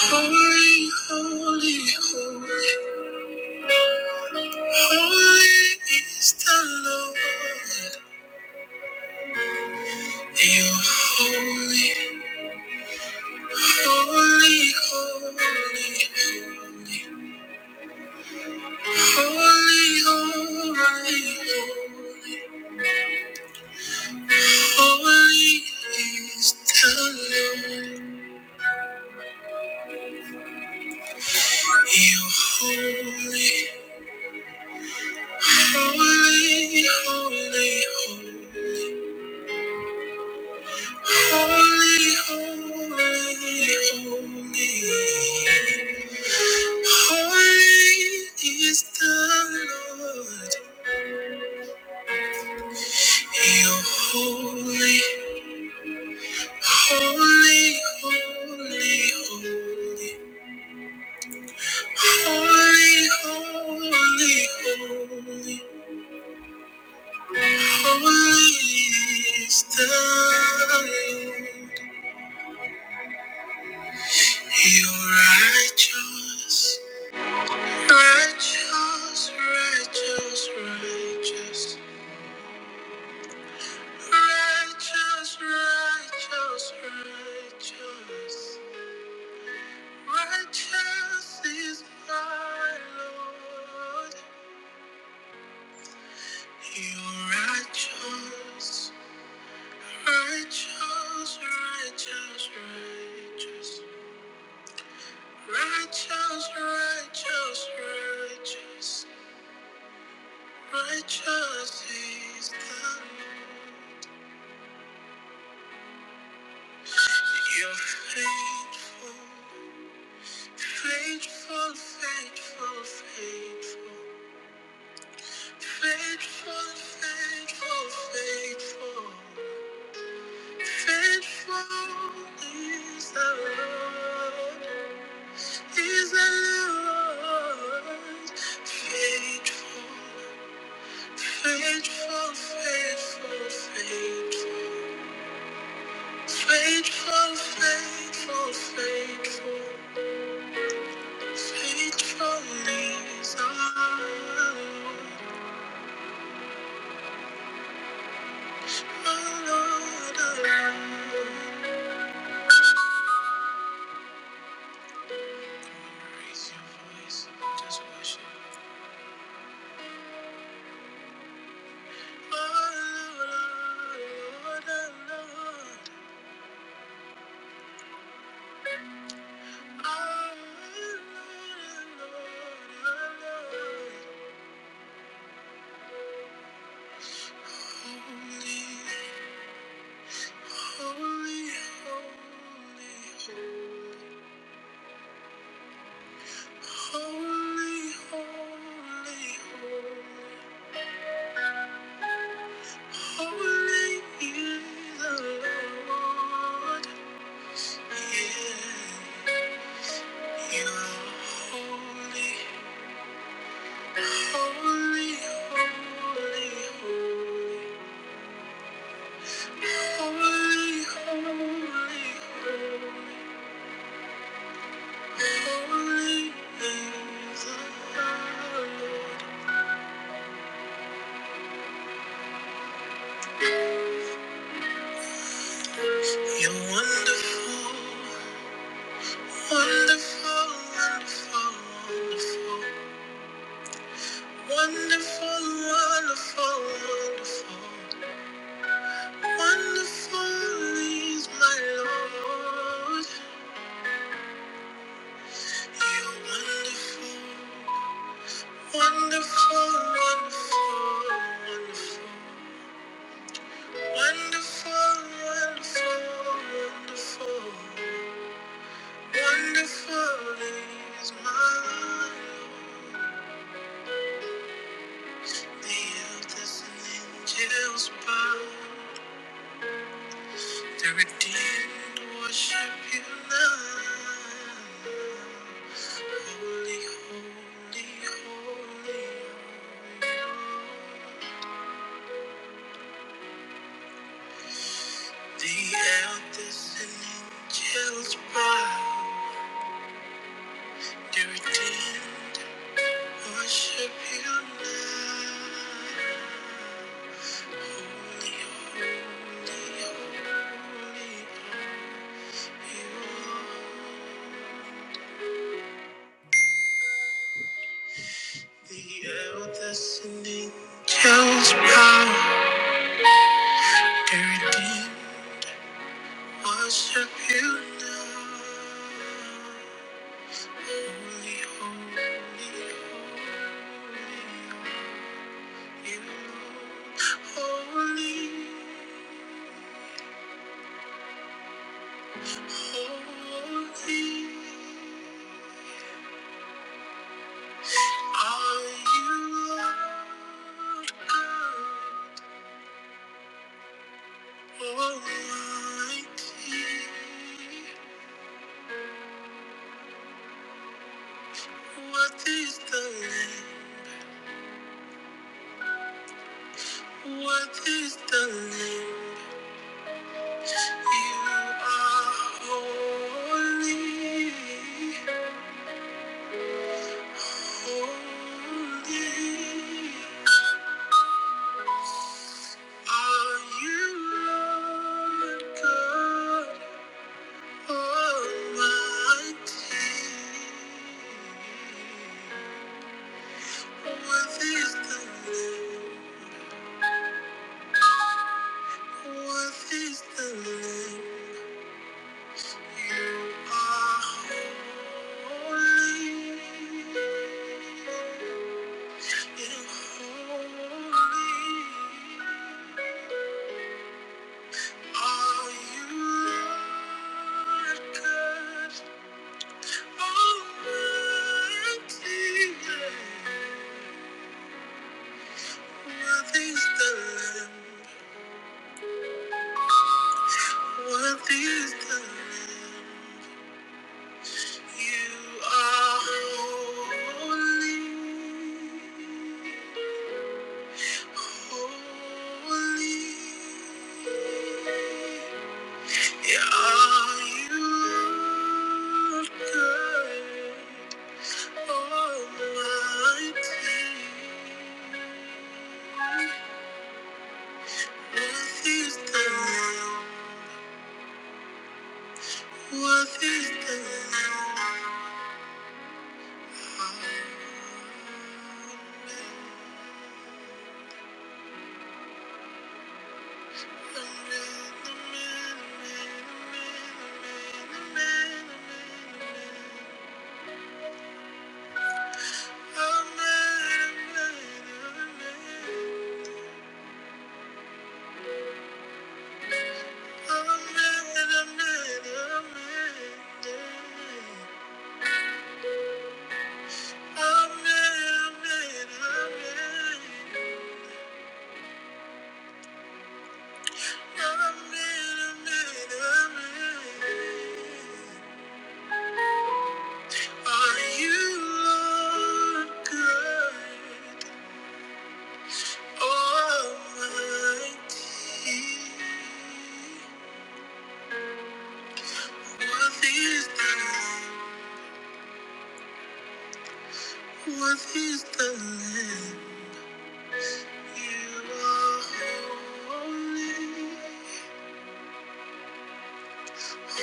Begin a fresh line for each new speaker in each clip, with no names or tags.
Holy, holy, holy, holy is the Lord. You are holy, holy, holy, holy, holy, holy, holy, holy is the Lord. You are holy, holy, holy, holy. Holy, holy, holy. Holy is the Lord. You're holy, holy, holy, holy. Holy, holy, holy. Holy is the Lord. You're righteous, righteous, righteous, righteous. Righteous, righteous, righteous, righteous is my Lord. You are righteous, righteous, righteous, righteous, righteous, righteous, righteous, righteous is the Lord. You're faithful, faithful, faithful, faithful. Faithful, faithful, faithful, faithful is the Lord, is the Lord. Faithful, faithful, faithful, faithful, faithful, faithful, faithful, faithful is the Lord, the Lord, the Lord. Holy, holy, holy, holy. Holy is the Lord. Yeah, you are holy. Holy, holy, holy. Holy, holy, holy, holy is the Lord. You're wonderful, wonderful, wonderful, wonderful, wonderful, wonderful, wonderful. Wonderful is my Lord. You're wonderful. Wonderful, wonderful, wonderful. Wonderful, wonderful, wonderful. Wonderful is my life. The earth is an angel's bow. The redeemed worship you now. Holy, holy, holy. holy. The elders and angels bow, they redeemed, worship you now. Holy, holy, holy, you are. you. The elders and angels bow, they redeemed, worship you now. Holy, holy, holy. You holy, holy are you, God Almighty. What is the Lamb? What is the Lamb? You are holy, holy. Are you Lord God Almighty? What is the name? What is the name? You are holy. You're holy. Are you Lord God? Almighty. What is the what is the Are you Lord good, Almighty? What is the, what is the land? You are holy. What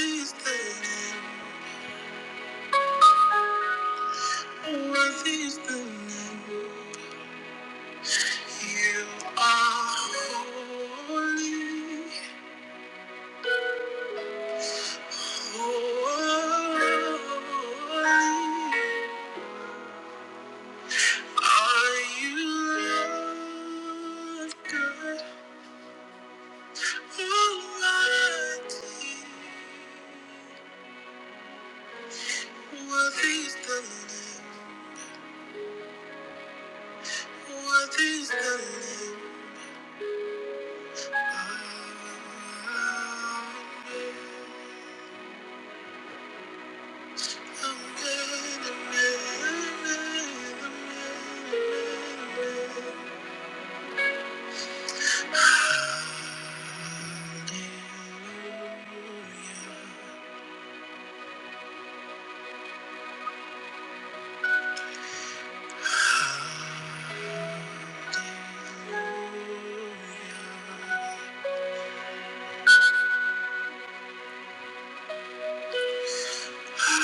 is the name? You are holy, holy. Are you Lord God Almighty? What is the name? What is the name?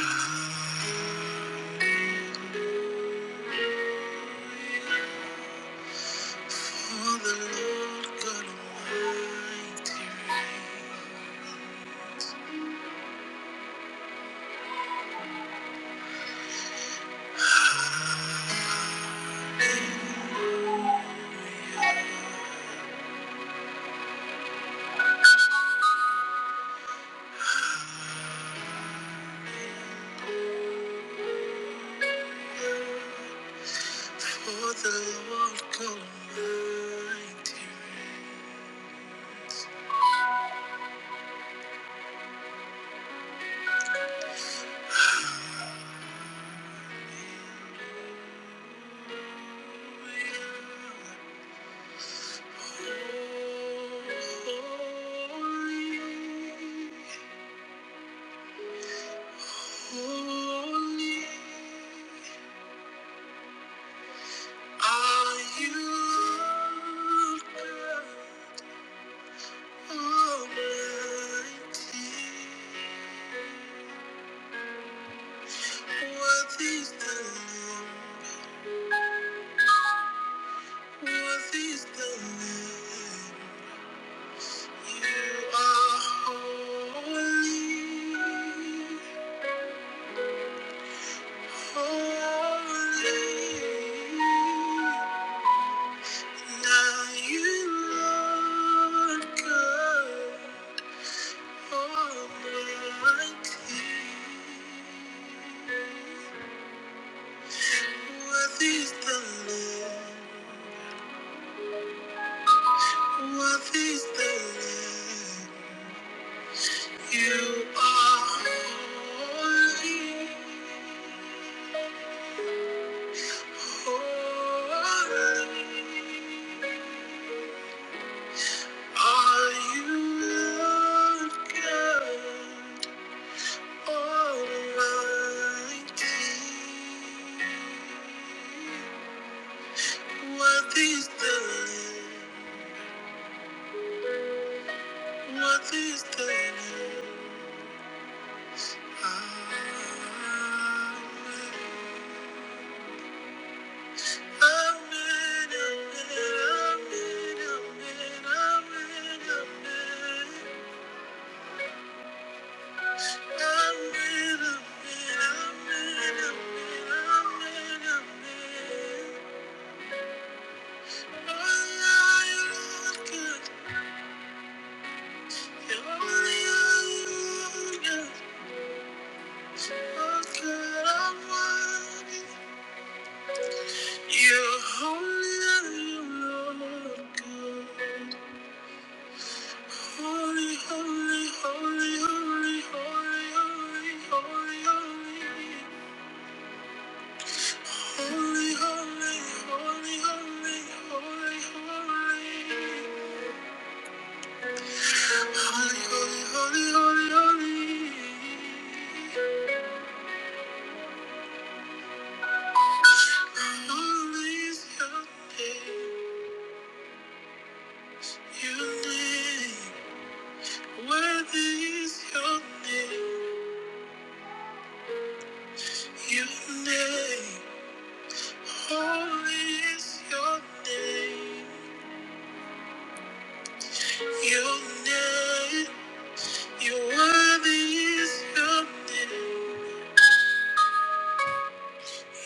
Hallelujah. Oh, the Lord God Almighty For the Lord God Almighty reigns. Holy, holy, holy. Are you God Almighty? What is the Lamb? What is the Lamb? You are holy, holy. Now you, Lord God. Are you Lord God? Almighty, what is the Lamb? What is the Lamb? Amen. Amen, amen, amen, amen, amen. Amen, amen, amen, amen, amen, amen. Holy is your name. Your name, worthy is your name. Your name, holy is your name. Your name, your worthy is your name.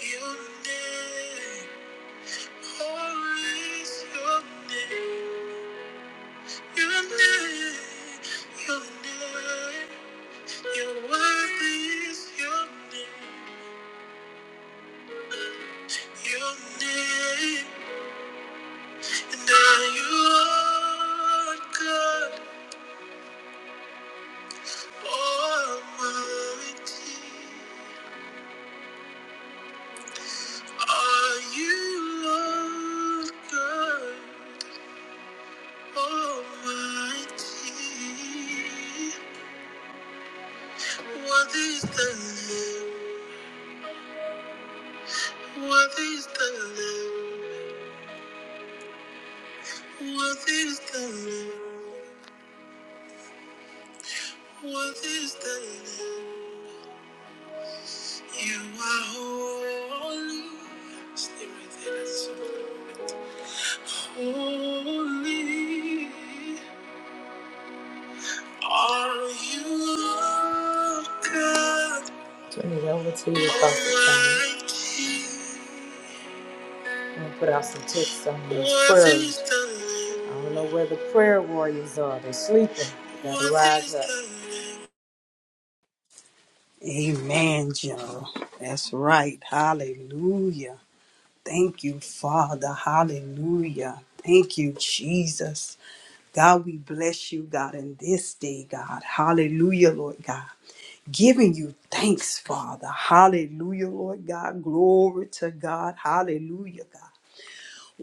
Your name, holy is your name. Your name, your name, your worthy is your name. Your name. And you are God Almighty. Are you God Almighty? What is the name? What is the name? What is the name? What is the name? You are holy. Stay right there. Holy are you, God. Turn it over to you, Pastor I'm going to put out some texts on these prayers. I don't know where the prayer warriors are. They're sleeping. They gotta rise up.
Amen, General. That's right. Hallelujah. Thank you, Father. Hallelujah. Thank you, Jesus. God, we bless you, God, in this day, God. Hallelujah, Lord God. Giving you thanks, Father. Hallelujah, Lord God. Glory to God. Hallelujah, God.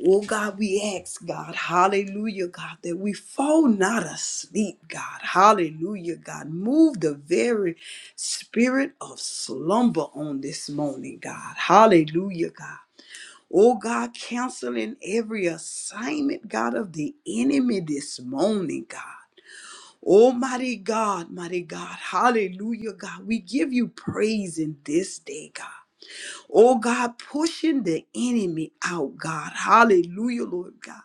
Oh God, we ask, God, hallelujah, God, that we fall not asleep, God, hallelujah, God. Move the very spirit of slumber on this morning, God, hallelujah, God. Oh God, canceling every assignment, God, of the enemy this morning, God. Almighty God, mighty God, hallelujah, God. We give you praise in this day, God. Oh God, pushing the enemy out, God. Hallelujah, Lord God.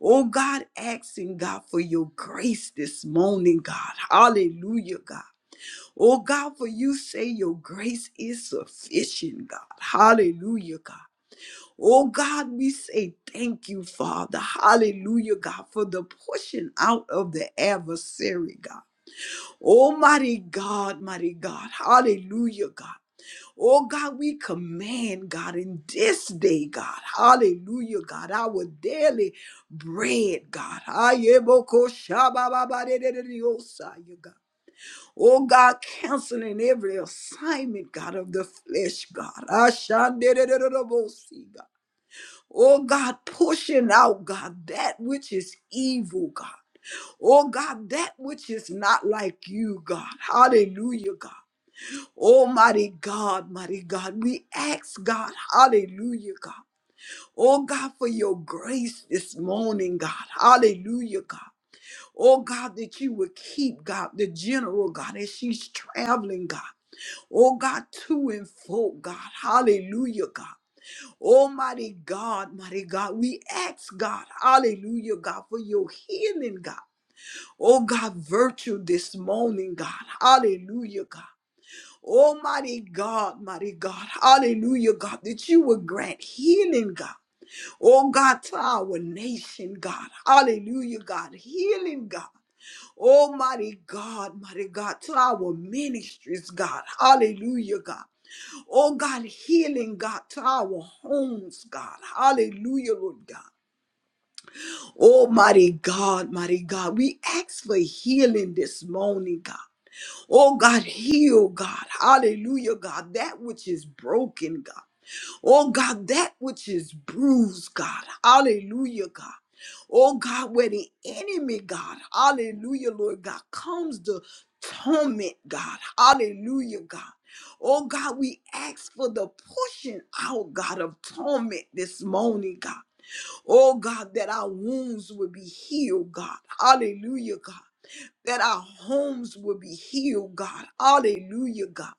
Oh God, asking God for your grace this morning, God. Hallelujah, God. Oh God, for you say your grace is sufficient, God. Hallelujah, God. Oh God, we say thank you, Father. Hallelujah, God, for the pushing out of the adversary, God. Almighty God, mighty God. Hallelujah, God. Oh God, we command, God, in this day, God, hallelujah, God, our daily bread, God. Ayeboko shabababadededediosa, you God. Oh God, canceling every assignment, God, of the flesh, God. Ashandedededobosi, God. Oh God, pushing out, God, that which is evil, God. Oh God, that which is not like you, God. Hallelujah, God. Oh, mighty God, mighty God, we ask God, hallelujah, God. Oh, God, for your grace this morning, God. Hallelujah, God. Oh, God, that you would keep, God, the general, God, as she's traveling, God. Oh, God, to and fro, God. Hallelujah, God. Almighty God, mighty God, we ask God, hallelujah, God, for your healing, God. Oh, God, virtue this morning, God. Hallelujah, God. Almighty God, mighty God, hallelujah, God, that you would grant healing, God. Oh God, to our nation, God, hallelujah, God, healing, God. Almighty God, mighty God, to our ministries, God, hallelujah, God. Oh God, healing, God, to our homes, God, hallelujah, Lord God. Almighty God, mighty God, we ask for healing this morning, God. Oh God, heal God. Hallelujah, God. That which is broken, God. Oh God, that which is bruised, God. Hallelujah, God. Oh God, where the enemy, God. Hallelujah, Lord God, comes to torment, God. Hallelujah, God. Oh God, we ask for the pushing out, God, of torment this morning, God. Oh God, that our wounds would be healed, God. Hallelujah, God that our homes will be healed, God. Hallelujah, God.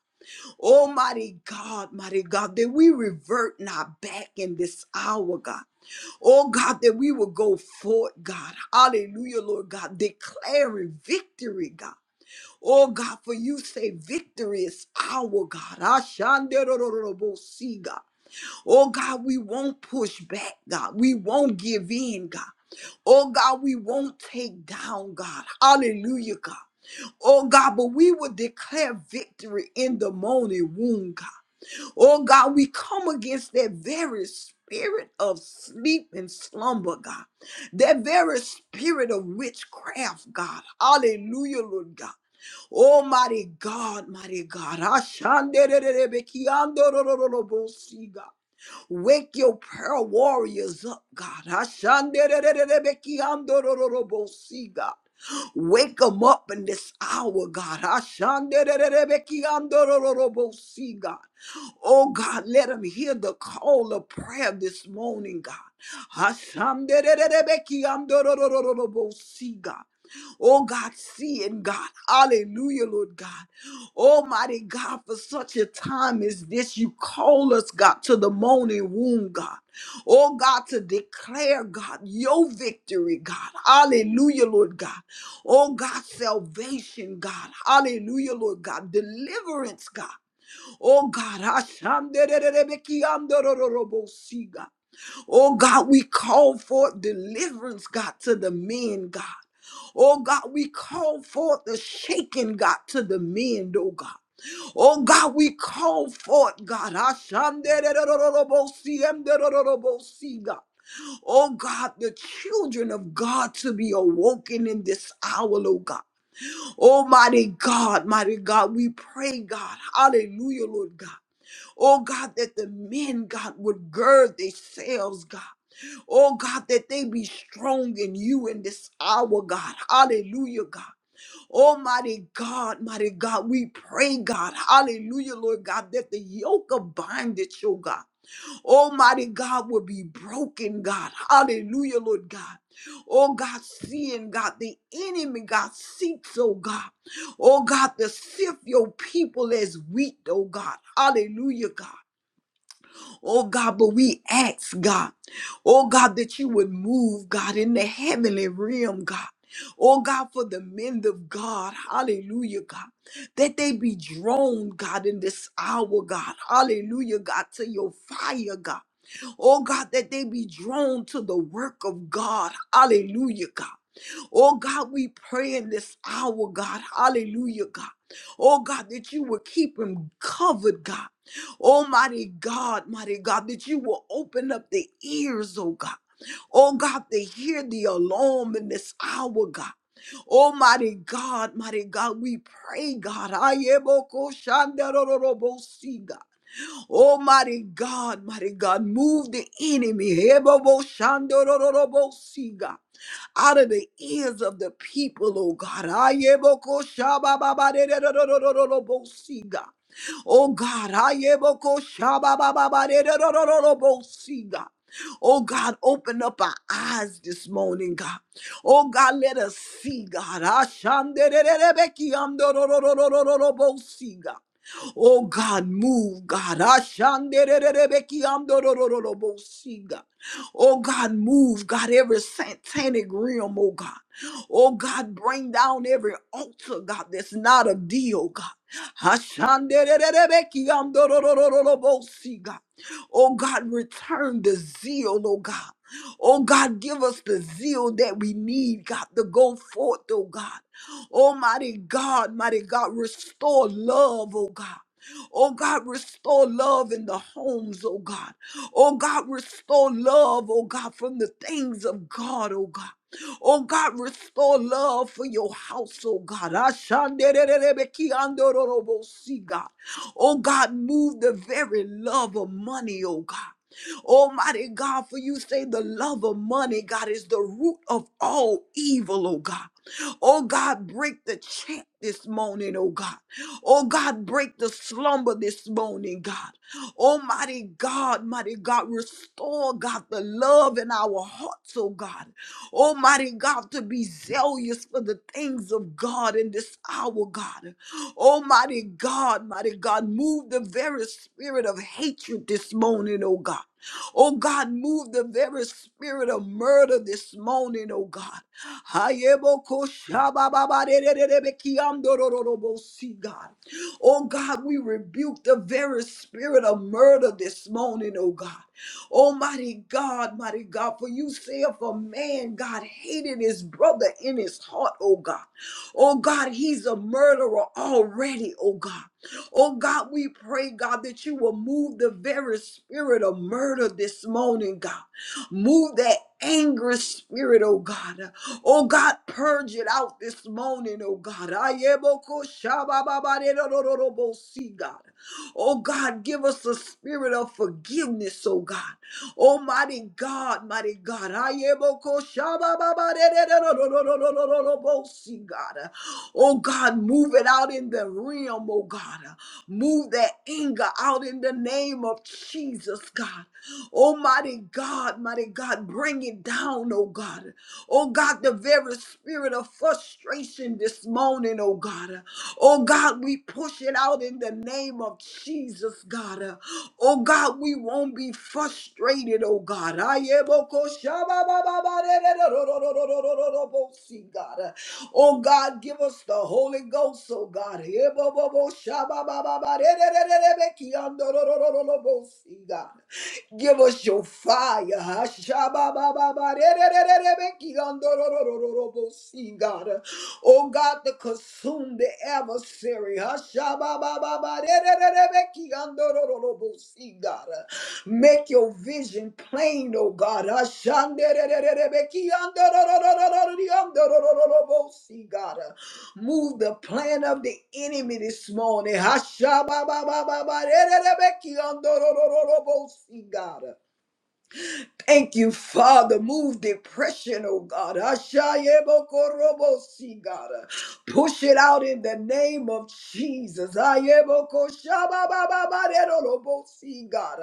Almighty God, mighty God, that we revert not back in this hour, God. Oh God, that we will go forth, God. Hallelujah, Lord God, declaring victory, God. Oh God, for you say victory is our God. Ashanderororobosi, God. Oh God, we won't push back, God. We won't give in, God. Oh God, we won't take down, God. Hallelujah, God. Oh God, but we will declare victory in the morning womb, God. Oh God, we come against that very spirit of sleep and slumber, God. That very spirit of witchcraft, God. Hallelujah, Lord God. Almighty God, mighty God. Ashandererebekiandorororobosi, God. Wake your prayer warriors up, God. Ashanderererebekiandorororobosi, God. Wake them up in this hour, God. Ashanderererebekiandorororobosi, God. Oh God, let them hear the call of prayer this morning, God. Hasamderererebekiamdororororobosi, God. Oh God, see it, God. Hallelujah, Lord God. Almighty God, for such a time as this, you call us, God, to the morning womb, God. Oh God, to declare, God, your victory, God. Hallelujah, Lord God. Oh God, salvation, God. Hallelujah, Lord God. Deliverance, God. Oh God, Ashandererebekiandororobosiga. oh God, we call for deliverance, God, to the men, God. Oh God, we call forth the shaking, God, to the men, oh God. Oh God, we call forth, God. Ashandererorobosiemderorobosiga. Oh God, the children of God to be awoken in this hour, oh God. Almighty God, mighty God, we pray, God. Hallelujah, Lord God. Oh God, that the men, God, would gird themselves, God. Oh God, that they be strong in you in this hour, God. Hallelujah, God. Almighty God, mighty God, we pray, God. Hallelujah, Lord God, that the yoke of bondage, oh God. Almighty God will be broken, God. Hallelujah, Lord God. Oh God, seeing God, the enemy, God, seeks, oh God. Oh God, to sift your people as wheat, oh God. Hallelujah, God. Oh God, but we ask God, oh God, that you would move, God, in the heavenly realm, God. Oh God, for the men of God, hallelujah, God, that they be drawn, God, in this hour, God, hallelujah, God, to your fire, God. Oh God, that they be drawn to the work of God, hallelujah, God. Oh God, we pray in this hour, God. Hallelujah, God. Oh God, that you will keep him covered, God. Almighty God, mighty God, that you will open up the ears, oh God. Oh God, to hear the alarm in this hour, God. Almighty God, mighty God, we pray, God. Ayeboko shandarororobosi, God. Almighty God, mighty God, move the enemy. Heboboshandorororobosi, God out of the ears of the people, oh God. Ayebokoshabababadedodododododobosi, God. Oh God, ayebokoshababababadedododododobosi, God. Oh God, open up our eyes this morning, God. Oh God, let us see, God. Ashandererebekiamdorororororobosi, God. Oh God, move, God. Ashandererebekiamdororororobosi, God. Oh God, move, God, every satanic realm, oh God. Oh God, bring down every altar, God, that's not of thee, oh God. Hashandererebekiandororororobosi, God. Oh God, return the zeal, oh God. Oh God, give us the zeal that we need, God, to go forth, oh God. Almighty God, mighty God, restore love, oh God. Oh God, restore love in the homes, oh God. Oh God, restore love, oh God, from the things of God, oh God. Oh God, restore love for your house, oh God. Ashandererebekiandororobosi, God. Oh God, move the very love of money, oh God. Almighty God, for you say the love of money, God, is the root of all evil, oh God. Oh God, break the chant this morning, oh God. Oh God, break the slumber this morning, God. Almighty God, mighty God, restore, God, the love in our hearts, oh God. Almighty God, to be zealous for the things of God in this hour, God. Almighty God, mighty God, move the very spirit of hatred this morning, oh God. Oh God, move the very spirit of murder this morning, oh God. Hayebokoshabababarererebekiamdorororobosi, God. Oh God, we rebuke the very spirit of murder this morning, oh God. Almighty God, mighty God, for you say if a man, God, hated his brother in his heart, oh God. Oh God, he's a murderer already, oh God. Oh God, we pray, God, that you will move the very spirit of murder this morning, God. Move that angry spirit, oh God. Oh God, purge it out this morning, oh God. Ayeboko shabababarerororobo, See God. Oh God, give us a spirit of forgiveness, oh God. Almighty God, mighty God. Ayeboko shabababarerorororobo, See God. Oh God, move it out in the realm, oh God. Move that anger out in the name of Jesus, God. Almighty God, mighty God, bring it down, oh God. Oh God, the very spirit of frustration this morning, oh God. Oh God, we push it out in the name of Jesus, God. Oh God, we won't be frustrated, oh God. God. Oh God, give us the Holy Ghost, oh God. God. Give us your fire. huh? shabba God. Oh God, to consume the adversary. huh? shabba God. Make your vision plain, oh God. huh? shande God. Move the plan of the enemy this morning. Hashabababababa, ererebeki andorororobosi, God. Thank you, Father. Move depression, oh God. Ashayebokorobosi, God. Push it out in the name of Jesus. Ayebokoshababababaderolobosi, God.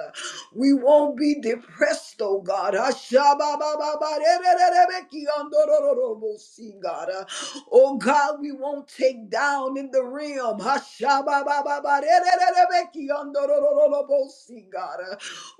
We won't be depressed, oh God. Ashababababaderererebekiandorororobosi, God. Oh God, we won't take down in the realm. Ashababababaderererebekiandorororobosi, God.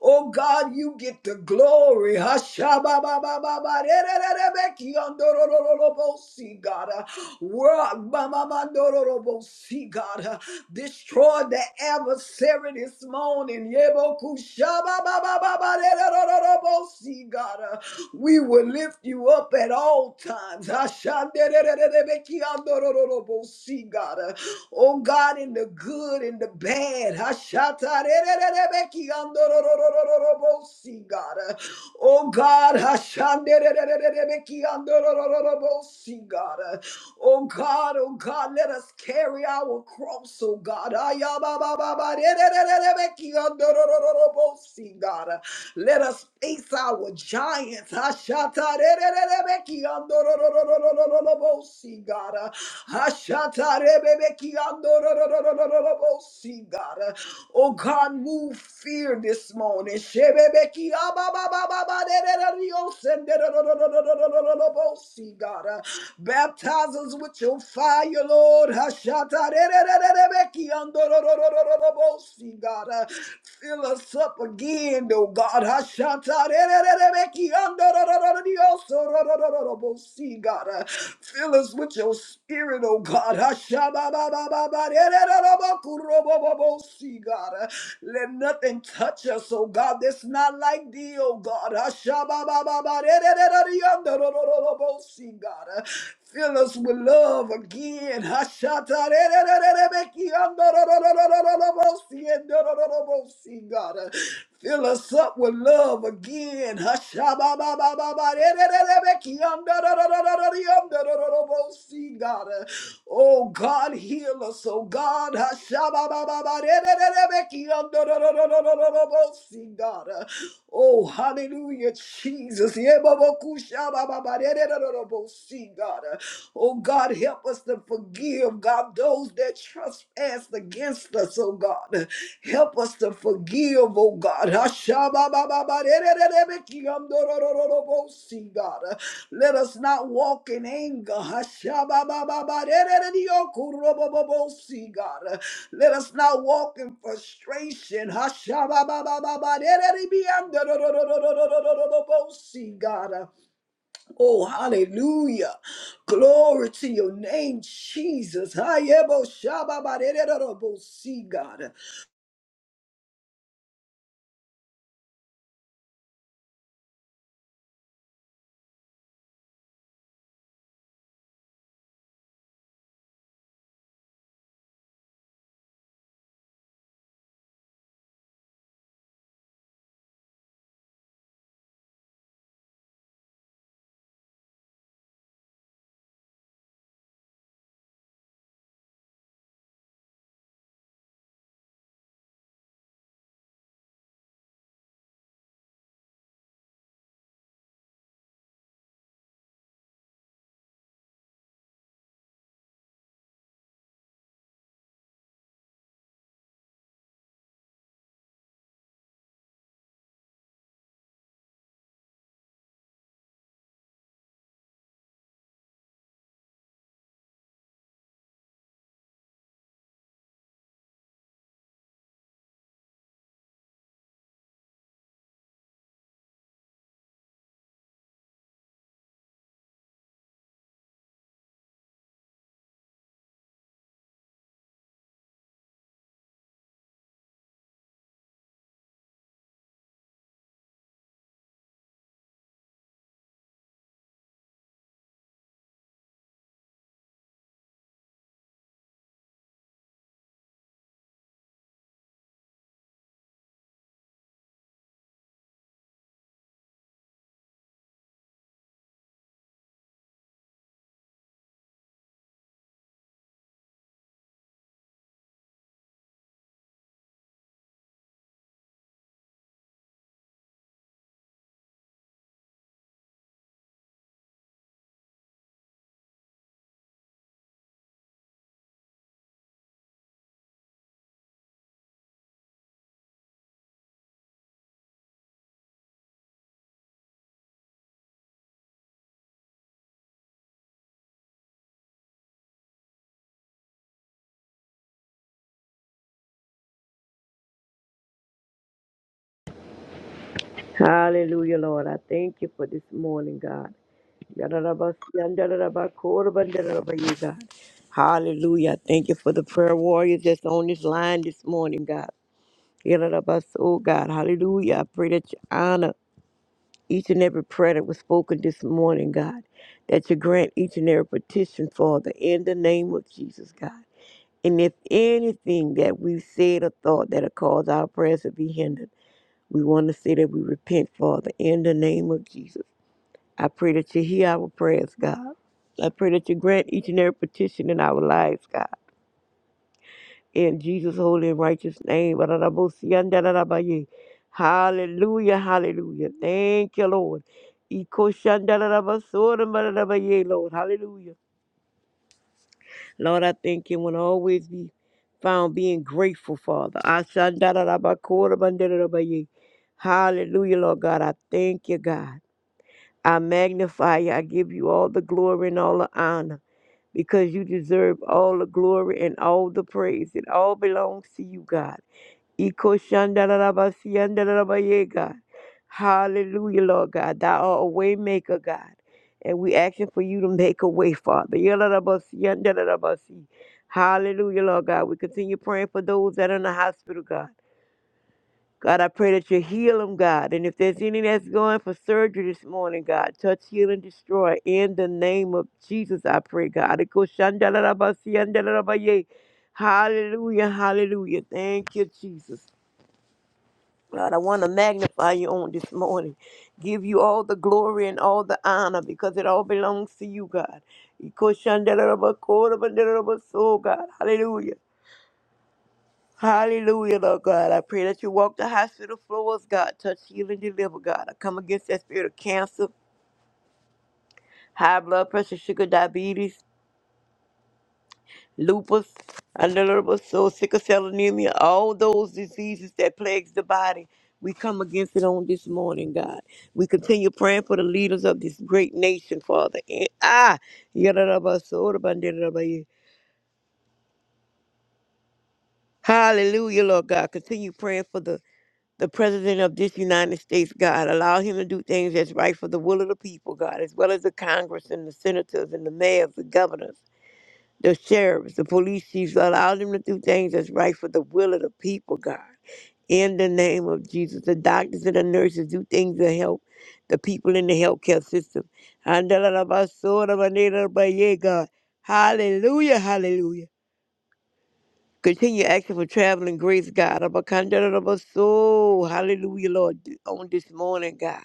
Oh God, you get the glory. Hashabababababarerererebekiyondorororobosi, God. Uh, world, mamamandororobosi, God. Uh, Destroy the adversary this morning. Yebokushabababababarerererobosi, God. Uh, We will lift you up at all times. Hashanderererebekiyondorororobosi, God. Uh, Oh God, in the good and the bad. Hashatarerererebekiandororororobosi, God. Oh God, Hashandererererebekiandororororobosi, God. Oh God, oh God, let us carry our cross, oh God. Ayababababarerererebekiandororororobosi, God. Let us face our giants. Ashatarererebekiandororororororobosi, God. Ashatarebebekiandororororororobosi, God. Oh God, move fear this morning. Shebebekiababababaderereriosenderorororororobosi, God. Baptize us with your fire magnify you, Lord. Hashata re re re re re Hashatarerererereki-andororororobosi, God. Uh, Fill us up again, oh God. Hashata re re re re Hashatarerererereki-andorororororiosororororobosi, God. Uh, Fill us with your spirit, oh God. Hasha'ba ba ba ba ba re re re re Hashababababarerererorobokurobobobosi, God. Uh, Let nothing touch us, oh God. That's not not like thee, O God. Ashababababarerererereandorororobosi, God. Fill us with love again. Hashatarererererebekiandororororobosi, endorororobosi, God. Fill us up with love again. Hashababababarererererebekiandororororororororobosi, God. Oh God, heal us, oh God. Hashababababarerererebekiandorororororobosi, God. Oh, hallelujah, Jesus. Yebobokushabababarededorobosi, God. Oh, God, help us to forgive, God, those that trespass against us, oh, God. Help us to forgive, oh, God. Hashababababaredededebekiyamdorororobosi, God. Let us not walk in anger. Hashababababarededediokurobobobosi, God. Let us not walk in frustration. Hashababababa. Let it be under the- the- the- the- the- the- the- the- the- the- see, God. Oh, hallelujah. Glory to your name, Jesus. Hayebo shababa. Let it be, see, God.
Hallelujah, Lord. I thank you for this morning, God. Yadarabas- God. Hallelujah. I Thank you for the prayer warriors that's on this line this morning, God. Yadarabas- Oh, God. Hallelujah. I pray that you honor each and every prayer that was spoken this morning, God. That you grant each and every petition, Father, in the name of Jesus, God. And if anything that we've said or thought that'll cause our prayers to be hindered, we want to say that we repent, Father, in the name of Jesus. I pray that you hear our prayers, God. I pray that you grant each and every petition in our lives, God. In Jesus' holy and righteous name. Ba-da-da-bo-si-yan-da-da-da-ba-ye. Hallelujah, hallelujah. Thank you, Lord. Iko-shan-da-da-da-ba-so-da-ba-da-da-ba-ye, Lord, hallelujah. Lord, I thank you and always be found being grateful, Father. Ah-shan-da-da-da-ba-ko-da-ba-da-da-da-ba-ye. Hallelujah, Lord God. I thank you, God. I magnify you. I give you all the glory and all the honor because you deserve all the glory and all the praise. It all belongs to you, God. Iko shandarabasi yandarabaye, God. Hallelujah, Lord God. Thou art a way maker, God. And we asking for you to make a way, Father. Yalarabasi yandarabasi. Hallelujah, Lord God. We continue praying for those that are in the hospital, God. God, I pray that you heal them, God. And if there's any that's going for surgery this morning, God, touch, heal, and destroy. In the name of Jesus, I pray, God. Hallelujah, hallelujah. Thank you, Jesus. God, I want to magnify you on this morning. Give you all the glory and all the honor because it all belongs to you, God. Oh, God, hallelujah. Hallelujah, Lord God. I pray that you walk the hospital floors, God. Touch, heal, and deliver, God. I come against that spirit of cancer, high blood pressure, sugar, diabetes, lupus, unalterable soul, sickle cell anemia, all those diseases that plagues the body. We come against it on this morning, God. We continue praying for the leaders of this great nation, Father. And ah, yadadabasorabandidadabai. Hallelujah, Lord God. Continue praying for the the president of this United States, God. Allow him to do things that's right for the will of the people, God, as well as the Congress and the senators and the mayors, the governors, the sheriffs, the police chiefs. Allow them to do things that's right for the will of the people, God. In the name of Jesus, the doctors and the nurses do things to help the people in the healthcare system. Hallelujah, hallelujah. Continue asking for traveling grace, God. Abacandarabaso. Hallelujah, Lord, on this morning, God.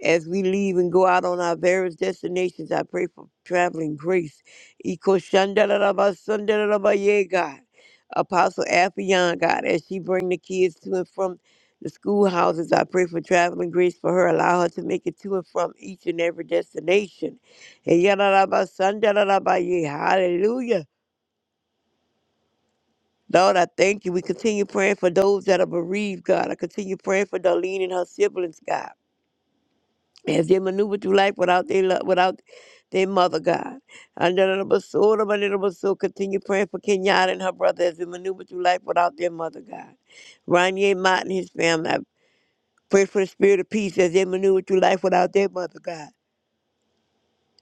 As we leave and go out on our various destinations, I pray for traveling grace. Ikoshandarabasandarabaye, God. Apostle Afion, God, as she bring the kids to and from the schoolhouses, I pray for traveling grace for her. Allow her to make it to and from each and every destination. Hallelujah. Lord, I thank you. We continue praying for those that are bereaved, God. I continue praying for Darlene and her siblings, God. As they maneuver through life without their love, without their mother, God. Under the little of my little soul, continue praying for Kenyatta and her brother as they maneuver through life without their mother, God. Ronnie Mott and his family. I pray for the spirit of peace as they maneuver through life without their mother, God.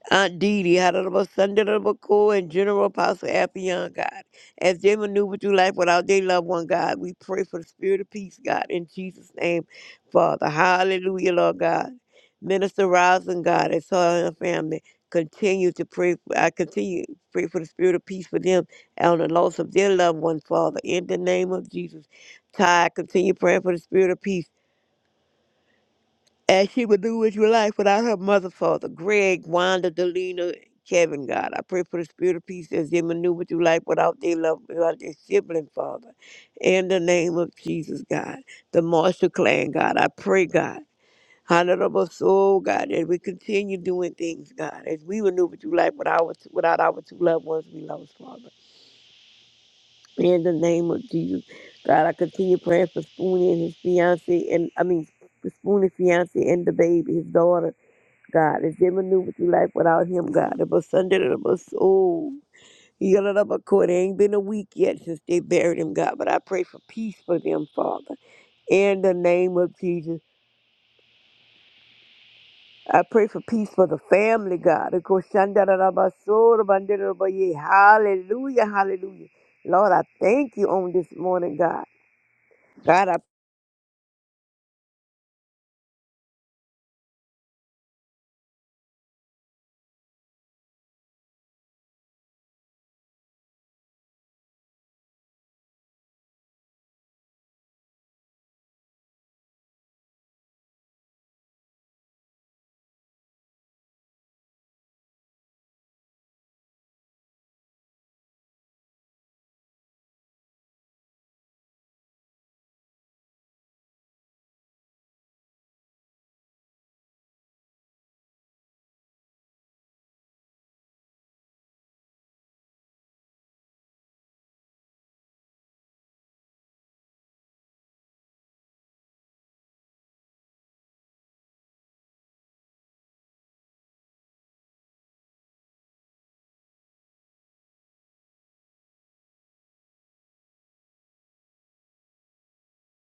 Aunt Dee Dee, Honorable Sunday, Honorable Cole, and General Apostle Affion, God. As they maneuver through life without their loved one, God, we pray for the spirit of peace, God, in Jesus' name, Father. Hallelujah, Lord God. Minister Rosin, God, and her and her family, continue to pray. I continue to pray for the spirit of peace for them and the loss of their loved one, Father, in the name of Jesus. Ty, continue praying for the spirit of peace as she would do with your life without her mother, father, Greg, Wanda, Delina, Kevin, God. I pray for the spirit of peace as they maneuver through life without their love, without their sibling, Father. In the name of Jesus, God. The Marshall clan, God. I pray, God. Honorable soul, God, as we continue doing things, God, as we maneuver through life without our, without our two loved ones we lost, Father. In the name of Jesus, God, I continue praying for Spoonie and his fiancee, and I mean, Spoonie's fiancee and the baby, his daughter. God is dealing new with your life without him, God. It son did it was soul. He got it up a court. It ain't been a week yet since they buried him, God. But I pray for peace for them, Father. In the name of Jesus. I pray for peace for the family, God. Of course, shandarabasora, bandarabaya. Hallelujah, hallelujah. Lord, I thank you on this morning, God. God, I